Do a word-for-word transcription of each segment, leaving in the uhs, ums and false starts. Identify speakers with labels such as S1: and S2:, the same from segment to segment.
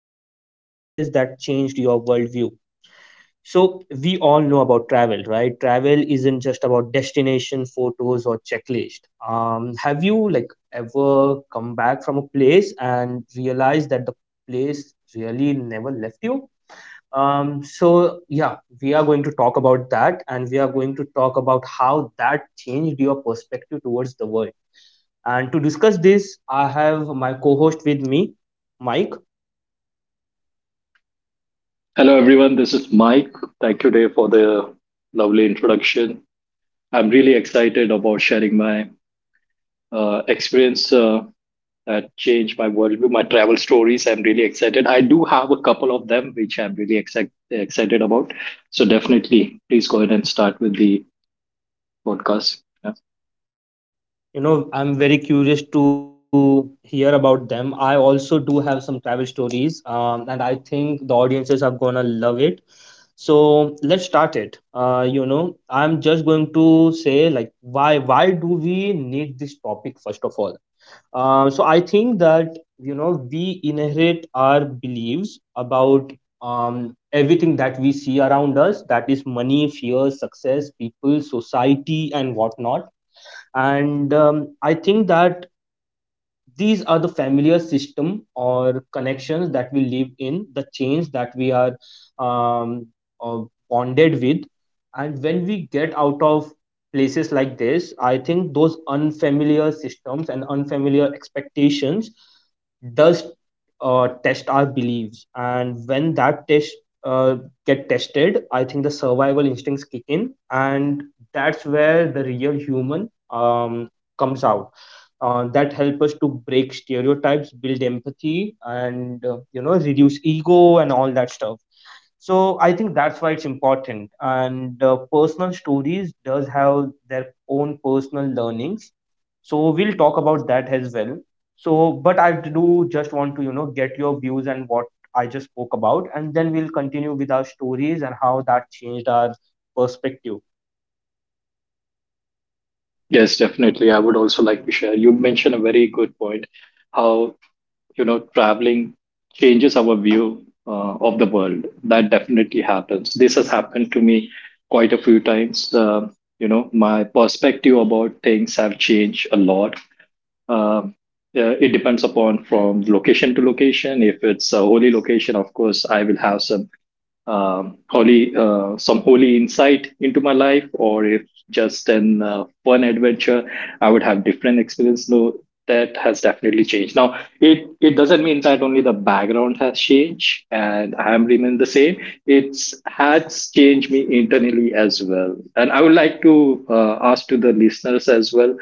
S1: about experiences that changed your worldview. So, we all know about travel, right? Travel isn't just about destination photos or checklist. Um, have you like ever come back from a place and realized that the place really never left you? Um, so yeah, we are going to talk about that and we are going to talk about how that changed your perspective towards the world, and to discuss this, I have my co host with me, Mike.
S2: Hello, everyone. This is Mike. Thank you, Dave, for the lovely introduction. I'm really excited about sharing my uh, experience uh, that changed my worldview, my travel stories. I'm really excited. I do have a couple of them which I'm really exci- excited about. So, definitely, please go ahead and start with the podcast. Yeah.
S1: You know, I'm very curious to hear about them. I also do have some travel stories, um, and I think the audiences are gonna love it. So let's start it. Uh, you know, I'm just going to say like why why do we need this topic first of all? Uh, so I think that you know we inherit our beliefs about um, everything that we see around us. That is money, fear, success, people, society, and whatnot. And um, I think that these are the familiar system or connections that we live in, the chains that we are um, uh, bonded with. And when we get out of places like this, I think those unfamiliar systems and unfamiliar expectations does uh, test our beliefs, and when that test uh, get tested, I think the survival instincts kick in, and that's where the real human um, comes out, uh, that help us to break stereotypes, build empathy, and uh, you know reduce ego and all that stuff. So I think that's why it's important, and uh, personal stories does have their own personal learnings, so we'll talk about that as well. So but I do just want to you know get your views and what I just spoke about, and then we'll continue with our stories and how that changed our perspective.
S2: Yes, definitely. I would also like to share. You mentioned a very good point how you know traveling changes our view uh, of the world. That definitely happens. This has happened to me quite a few times. Uh, you know, my perspective about things have changed a lot. Um uh, it depends upon from location to location. If it's a holy location, of course I will have some um, holy uh, some holy insight into my life, or if just an uh, fun adventure, I would have different experience, no? That has definitely changed. Now it it doesn't mean that only the background has changed and I am remain the same. It's has changed me internally as well, and I would like to uh, ask to the listeners as well,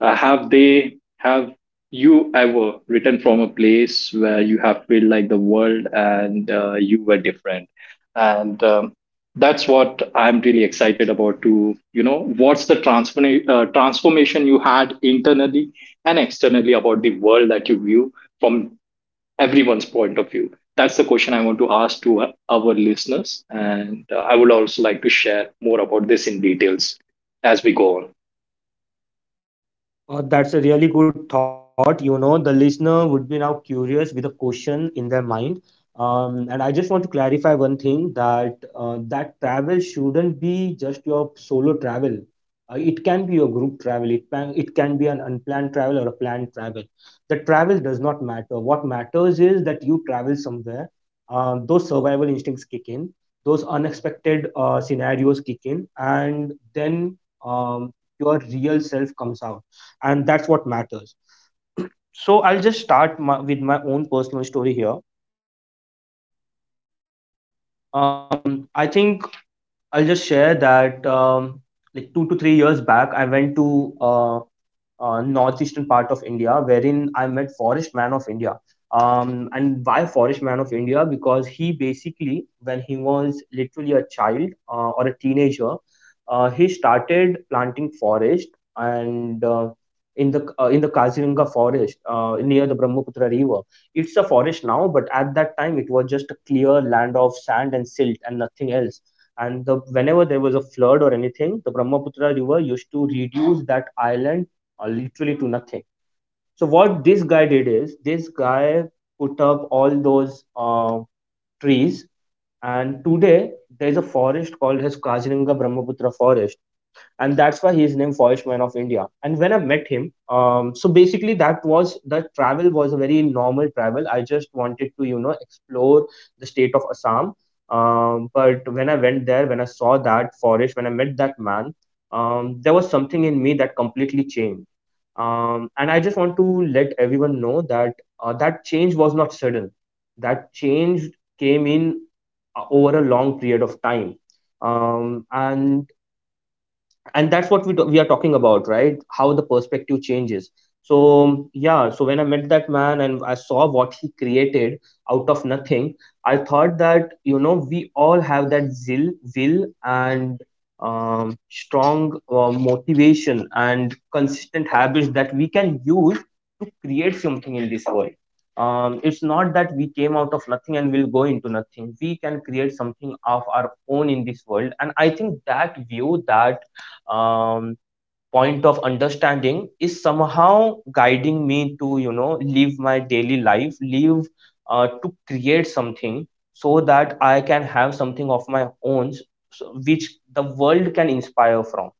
S2: uh, have they have you ever written from a place where you have felt like the world and uh, you were different? And um, that's what I'm really excited about. To you know what's the transform- uh, transformation you had internally and externally about the world that you view from everyone's point of view. That's the question I want to ask to uh, our listeners, and uh, I would also like to share more about this in details as we go on.
S1: Uh, that's a really good thought. You know, the listener would be now curious with a question in their mind. Um, and I just want to clarify one thing that uh, that travel shouldn't be just your solo travel. Uh, it can be your group travel. It can it can be an unplanned travel or a planned travel. The travel does not matter. What matters is that you travel somewhere. Um, those survival instincts kick in. Those unexpected uh, scenarios kick in, and then um, your real self comes out, and that's what matters. So I'll just start my, with my own personal story here. um, I think I'll just share that um, like two to three years back I went to uh, uh, northeastern part of India, wherein I met Forest Man of India. Um, and why Forest Man of India? Because he basically, when he was literally a child uh, or a teenager, uh, he started planting forest, and uh, in the uh, in the Kaziranga forest uh, near the Brahmaputra river. It's a forest now, but at that time it was just a clear land of sand and silt and nothing else, and the whenever there was a flood or anything, the Brahmaputra river used to reduce that island uh, literally to nothing. So what this guy did is, this guy put up all those uh, trees, and today there's a forest called as Kaziranga Brahmaputra forest, and that's why he is named Forest Man of India. And when I met him, um, so basically that was the travel was a very normal travel. I just wanted to you know explore the state of Assam. Um, but when I went there, when I saw that forest, when I met that man, um, there was something in me that completely changed. Um, and I just want to let everyone know that uh, that change was not sudden. That change came in uh, over a long period of time, um, and and that's what we do, we are talking about, right? How the perspective changes. So yeah, so when I met that man and I saw what he created out of nothing, I thought that you know we all have that zeal, will, and um, strong uh, motivation and consistent habits that we can use to create something in this world. Um, it's not that we came out of nothing and will go into nothing. We can create something of our own in this world, and I think that view, that um, point of understanding, is somehow guiding me to you know live my daily life, live uh, to create something, so that I can have something of my own, so- which the world can inspire from.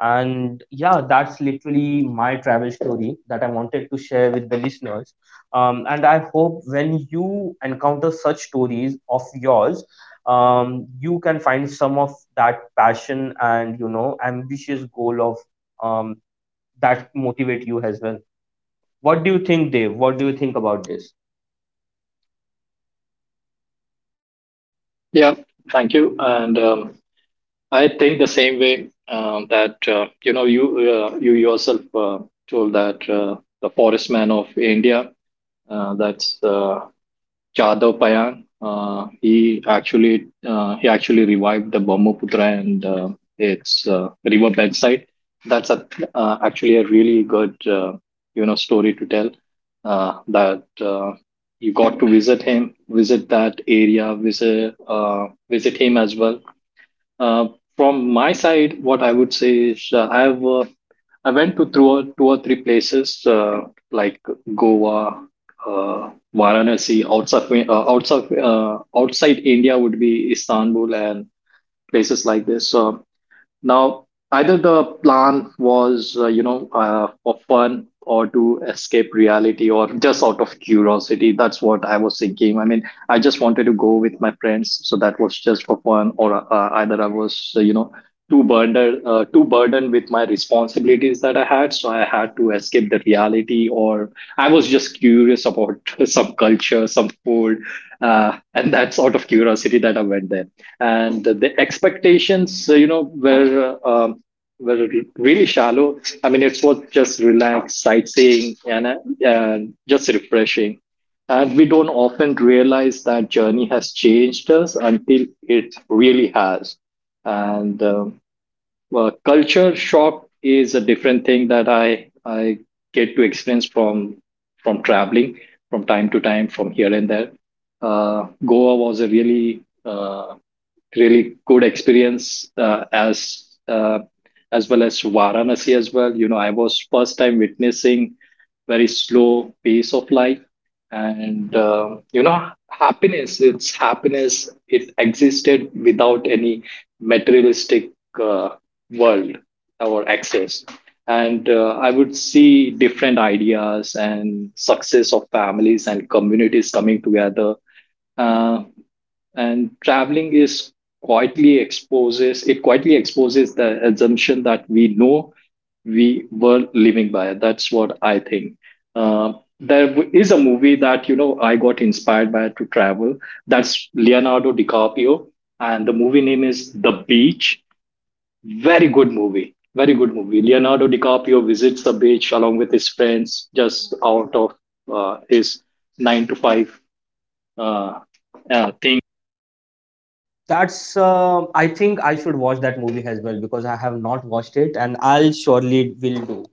S1: And yeah, that's literally my travel story that I wanted to share with the listeners. Um, and I hope when you encounter such stories of yours, um, you can find some of that passion and you know ambitious goal of um, that motivate you as well. What do you think, Dave? What do you think about this?
S2: Yeah, thank you. And um, I think the same way. Um, that uh, you know you uh, you yourself uh, told that uh, the Forest Man of India, Uh, that's uh, Jadhav Payan. Uh, he actually uh, he actually revived the Brahmaputra and uh, its uh, river bedside. That's a, uh, actually a really good uh, you know story to tell. Uh, that uh, you got to visit him, visit that area, visit uh, visit him as well. uh, from my side, what I would say is uh, I've uh, I went to through two or three places, uh, like Goa, uh, Varanasi. Outside uh, outside uh, outside India would be Istanbul and places like this. So now, either the plan was, uh, you know, uh, for fun, or to escape reality, or just out of curiosity. That's what I was thinking. I mean, I just wanted to go with my friends, so that was just for fun. Or uh, either I was, uh, you know, too burdened, uh, too burdened with my responsibilities that I had, so I had to escape the reality. Or I was just curious about some culture, some food, uh, and that sort of curiosity that I went there. And the expectations, uh, you know, were uh, um, were really shallow. I mean, it was just relaxed sightseeing and uh, and just refreshing. And we don't often realize that journey has changed us until it really has. And um, well, culture shock is a different thing that I I get to experience from from traveling from time to time, from here and there. Uh, Goa was a really uh, really good experience, uh, as uh, as well as Varanasi as well. You know, I was first time witnessing very slow pace of life. And uh, you know, happiness it's happiness, it existed without any materialistic uh, world or access. And uh, I would see different ideas and success of families and communities coming together. uh, and traveling is quietly exposes it quietly exposes the assumption that we know we were living by. That's what I think. uh, there w- is a movie that you know I got inspired by to travel. That's Leonardo DiCaprio, and the movie name is The Beach. Very good movie. Very good movie. Leonardo DiCaprio visits the beach along with his friends just out of uh, his nine to five uh, uh, thing.
S1: That's. Uh, I think I should watch that movie as well because I have not watched it, and I'll surely will do.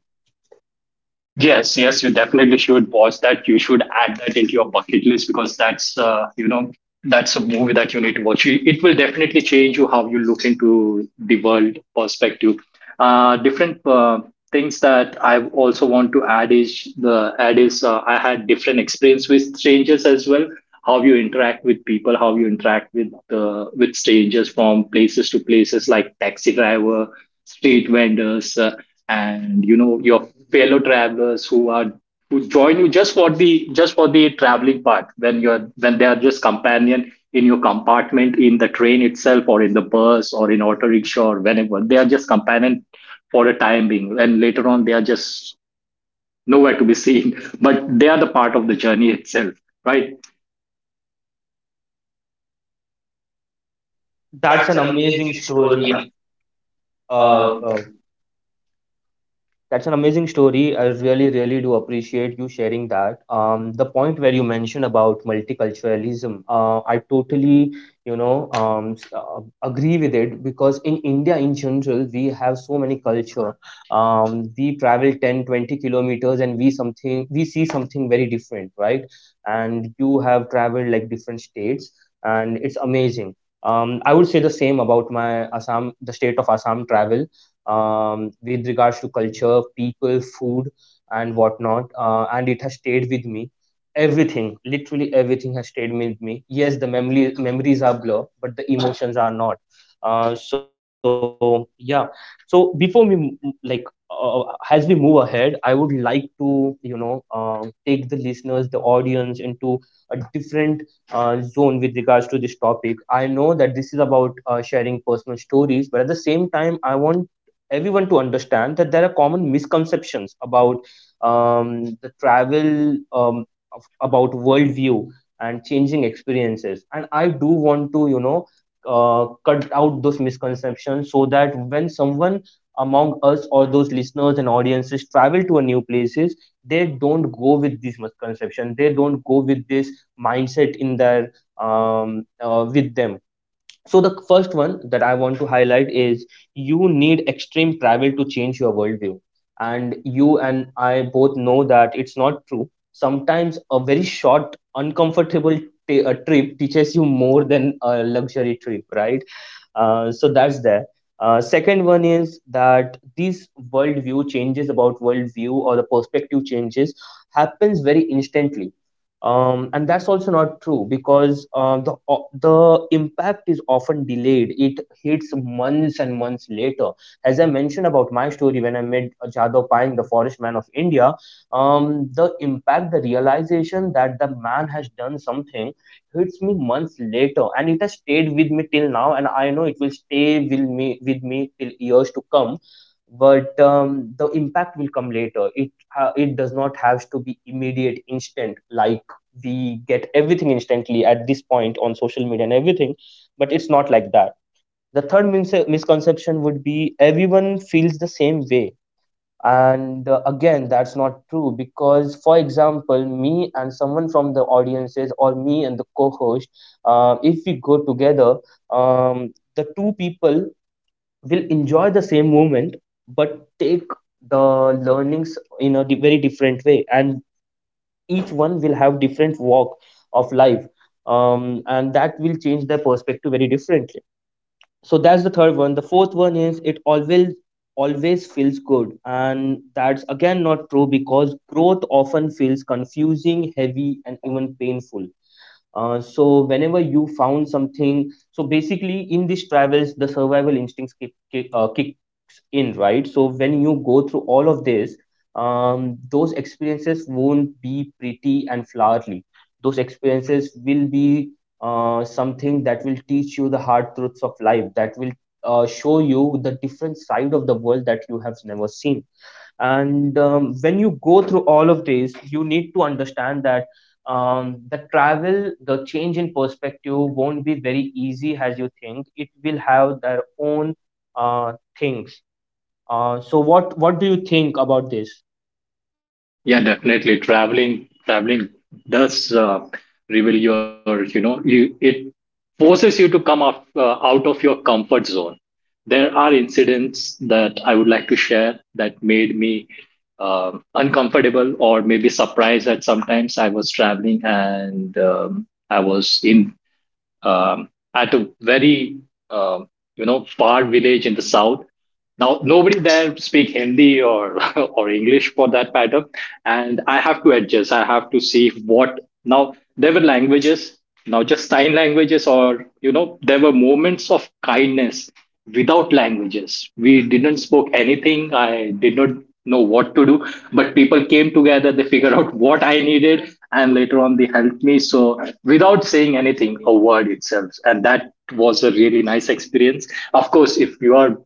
S2: Yes, yes, you definitely should watch that. You should add that into your bucket list, because that's, uh, you know, that's a movie that you need to watch. It it will definitely change you how you look into the world perspective. Uh, different uh, things that I also want to add is the add is uh, I had different experience with strangers as well. How you interact with people, how you interact with uh, with strangers from places to places, like taxi driver, street vendors, uh, and you know your fellow travelers who are who join you just for the just for the traveling part, when you're when they are just companion in your compartment in the train itself, or in the bus, or in auto rickshaw, or whenever they are just companion for the time being, and later on they are just nowhere to be seen but they are the part of the journey itself, right?
S1: That's
S2: That's
S1: an
S2: an
S1: amazing
S2: amazing story.
S1: story. Uh,
S2: Uh,
S1: uh, That's an amazing story. I really, really do appreciate you sharing that. Um, the point where you mentioned about multiculturalism, uh, I totally, you know, um, s- uh, agree with it because in India in general, we have so many culture. Um, we travel ten, twenty kilometers and we something we see something very different, right? And you have traveled like different states, and it's amazing. Um, I would say the same about my Assam, the state of Assam travel, um, with regards to culture, people, food, and whatnot. Uh, and it has stayed with me. Everything, literally everything, has stayed with me. Yes, the memory memories are blur, but the emotions are not. Uh, so yeah. So before we m- m- like uh, as we move ahead, I would like to you know uh, take the listeners, the audience into a different uh, zone with regards to this topic. I know that this is about uh, sharing personal stories, but at the same time, I want everyone to understand that there are common misconceptions about um, the travel, um, of, about worldview and changing experiences, and I do want to you know uh, cut out those misconceptions so that when someone among us or those listeners and audiences travel to a new places, they don't go with this misconception, they don't go with this mindset in their, um, uh, with them. So the first one that I want to highlight is, you need extreme travel to change your worldview. And you and I both know that it's not true. Sometimes a very short, uncomfortable t- a trip teaches you more than a luxury trip, right? Uh, so that's there. Uh, second one is that these worldview changes about worldview or the perspective changes happens very instantly, um, and that's also not true because uh, the o- the impact is often delayed. It hits months and months later. As I mentioned about my story, when I met uh, Jadhav Payang, the forest man of India, um, the impact, the realization that the man has done something hits me months later, and it has stayed with me till now. And I know it will stay with me with me till years to come. But um, the impact will come later. It ha it does not have to be immediate, instant, like we get everything instantly at this point on social media and everything, but it's not like that. The third mis- misconception would be, everyone feels the same way, and uh, again, that's not true because for example me and someone from the audiences or me and the co-host, uh, if we go together, um, the two people will enjoy the same moment but take the learnings in a di- very different way, and each one will have different walk of life, um, and that will change their perspective very differently. So that's the third one. The fourth one is, it always always feels good, and that's again not true because growth often feels confusing, heavy, and even painful. Uh, so whenever you found something, so basically in these travels, the survival instincts kick, kick, uh, kicks in, right? So when you go through all of this, um, those experiences won't be pretty and flowery. Those experiences will be uh, something that will teach you the hard truths of life, that will uh, show you the different side of the world that you have never seen, and um, when you go through all of these, you need to understand that um, the travel the change in perspective won't be very easy as you think, it will have their own uh, things. Uh, so what what do you think about this?
S2: yeah, definitely. Traveling traveling does uh, reveal your you know you. It forces you to come off, uh, out of your comfort zone. There are incidents that I would like to share that made me um uncomfortable or maybe surprised at. Sometimes I was traveling and um, I was in um, at a very um, you know far village in the south. Now, nobody there speak Hindi or or English for that matter, and I have to adjust. I have to see what. Now there were languages, now just sign languages, or you know, there were moments of kindness without languages. We didn't spoke anything. I did not know what to do, but people came together. They figured out what I needed, and later on they helped me. So without saying anything, a word itself, and that was a really nice experience. Of course, if you are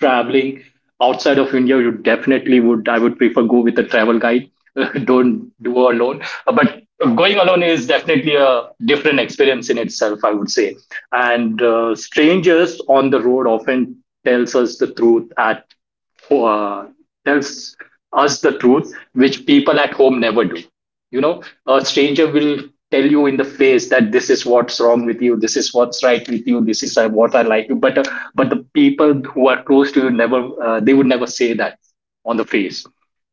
S2: traveling outside of India, you definitely would. I would prefer go with a travel guide. Don't do alone. But going alone is definitely a different experience in itself, I would say. And uh, strangers on the road often tells us the truth at uh, tells us the truth, which people at home never do, you know. A stranger will tell you in the face that this is what's wrong with you, this is what's right with you, this is uh, what I like you. But uh, but the people who are close to you never uh, they would never say that on the face.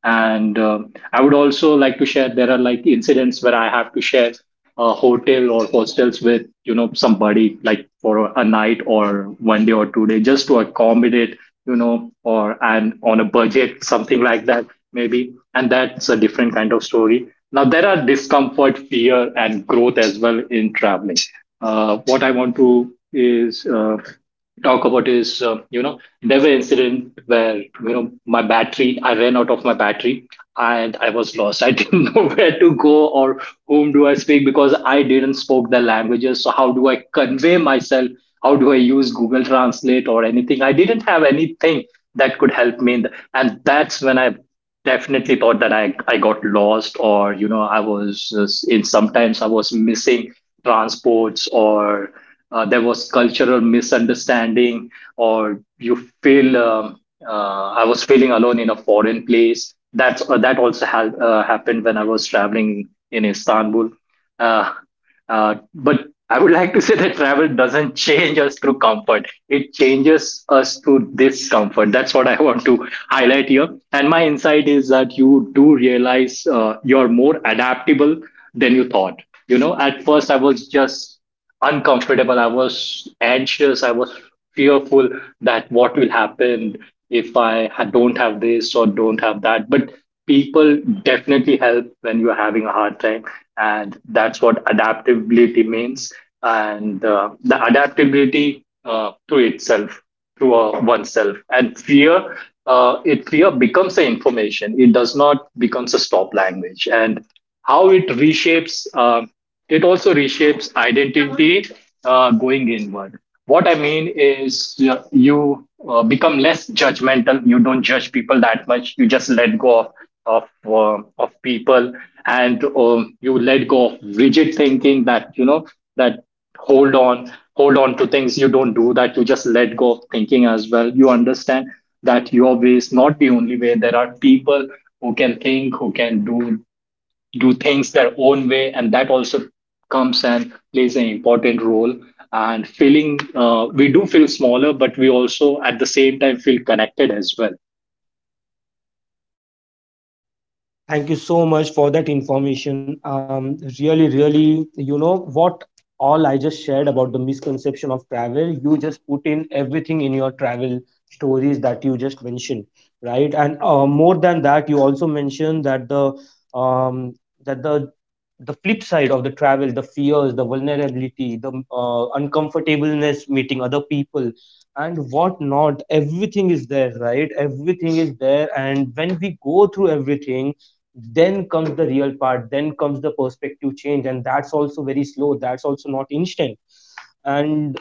S2: And um I would also like to share, there are like incidents where I have to share a hotel or hostels with you know somebody, like for a night, or one day or two day, just to accommodate you know, or and on a budget, something like that maybe. And that's a different kind of story. Now there are discomfort, fear, and growth as well in traveling. Uh, what I want to is uh, Talk about is uh, you know, there were incident where you know my battery I ran out of my battery, and I was lost. I didn't know where to go, or whom do I speak, because I didn't spoke the languages. So how do I convey myself? How do I use Google Translate or anything? I didn't have anything that could help me in the, and that's when I definitely thought that I, I got lost. Or you know, i was just- in sometimes I was missing transports, or uh, there was cultural misunderstanding, or you feel um, uh, I was feeling alone in a foreign place. That's uh, that also ha- uh, happened when I was traveling in Istanbul. uh, uh, but I would like to say that travel doesn't change us through comfort. It changes us through discomfort. That's what I want to highlight here. And my insight is that you do realize uh, you're more adaptable than you thought. You know, at first I was just uncomfortable. I was anxious. I was fearful that what will happen if I ha- don't have this or don't have that. But people definitely help when you're having a hard time. And that's what adaptability means. And uh, the adaptability uh, to itself, to uh, oneself. And fear, uh, it fear becomes the information. It does not becomes a stop language. And how it reshapes. Uh, it also reshapes identity, uh, going inward. What I mean is uh, you uh, become less judgmental. You don't judge people that much. You just let go of of, uh, of people, and um, you let go of rigid thinking that you know that hold on hold on to things. You don't do that. You just let go of thinking as well. You understand that your way is not the only way. There are people who can think, who can do do things their own way. And that also comes and plays an important role. And feeling uh, we do feel smaller, but we also at the same time feel connected as well.
S1: Thank you so much for that information. Um, really, really, you know what all I just shared about the misconception of travel. You just put in everything in your travel stories that you just mentioned, right? And uh, more than that, you also mentioned that the um, that the the flip side of the travel, the fears, the vulnerability, the uh, uncomfortableness meeting other people, and what not. Everything is there, right? Everything is there, and when we go through everything, then comes the real part, then comes the perspective change, and that's also very slow, that's also not instant. And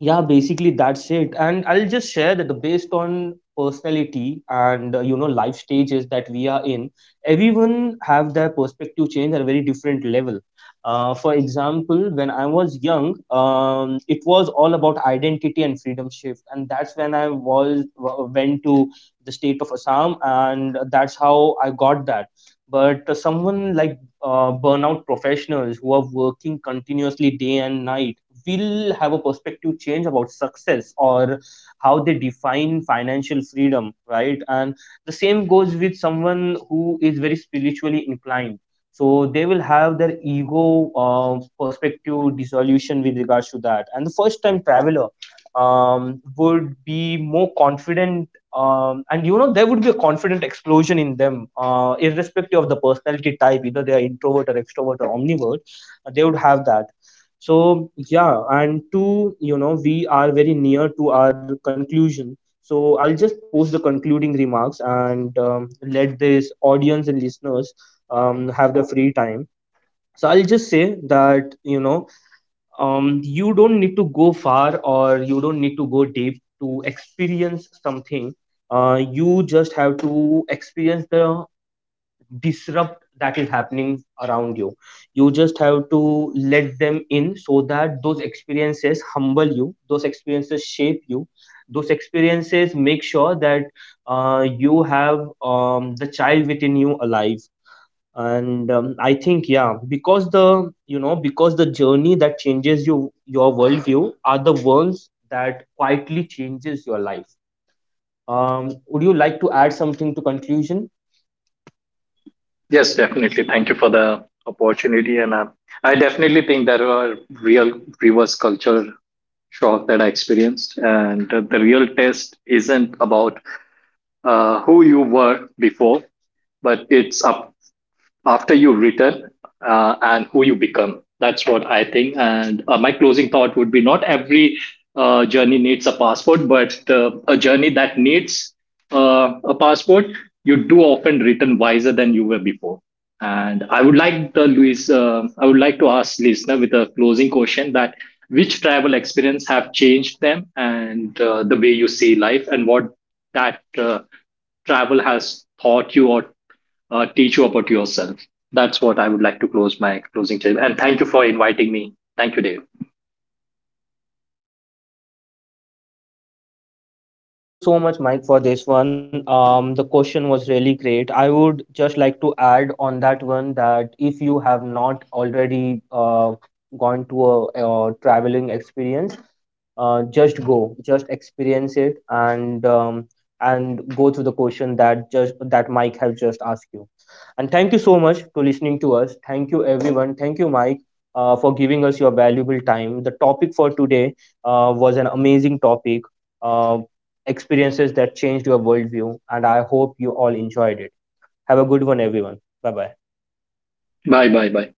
S1: yeah, basically that's it. And I'll just share that the based on personality and uh, you know life stages that we are in, everyone have their perspective change at a very different level. Uh, for example, when I was young, um, it was all about identity and freedom shift, and that's when I was w- went to the state of Assam, and that's how I got that. But uh, someone like uh, burnout professionals who are working continuously day and night will have a perspective change about success, or how they define financial freedom, right? And the same goes with someone who is very spiritually inclined. So they will have their ego uh, perspective dissolution with regards to that. And the first time traveler, um, would be more confident, um, and you know there would be a confident explosion in them uh, irrespective of the personality type, either they are introvert or extrovert or omnivert, uh, they would have that. So yeah, and two, you know we are very near to our conclusion. So I'll just post the concluding remarks, and um, let this audience and listeners um, have the free time. So I'll just say that you know um, you don't need to go far or you don't need to go deep to experience something. Uh, you just have to experience the disrupt that is happening around you. You just have to let them in so that those experiences humble you, those experiences shape you, those experiences make sure that uh, you have um, the child within you alive. And um, I think yeah, because the you know because the journey that changes you, your worldview, are the ones that quietly changes your life. Um, would you like to add something to conclusion?
S2: Yes,
S1: Yes sir.
S2: definitely, thank you for the opportunity. And uh, I definitely think there were real reverse culture shock that I experienced. And uh, the real test isn't about uh, who you were before, but it's up after you return, uh, and who you become. That's what I think. And uh, my closing thought would be, not every uh, journey needs a passport, but the, a journey that needs uh, a passport, you do often return wiser than you were before. And I would like the Luis, uh, I would like to ask listener with a closing question, that which travel experience have changed them, and uh, the way you see life, and what that uh, travel has taught you or uh, teach you about yourself. That's what I would like to close my closing statement. And thank you for inviting me. Thank you, Dave.
S1: Thank you so much Mike for this one. Um, the question was really great. I would just like to add on that one, that if you have not already uh, gone to a, a traveling experience, uh, just go, just experience it, and um, and go through the question that just that Mike have just asked you. And thank you so much to listening to us. Thank you everyone. Thank you Mike, uh, for giving us your valuable time. The topic for today, uh, was an amazing topic, uh, experiences that changed your worldview, and I hope you all enjoyed it. Have a good one everyone. Bye bye.
S2: Bye, bye, bye.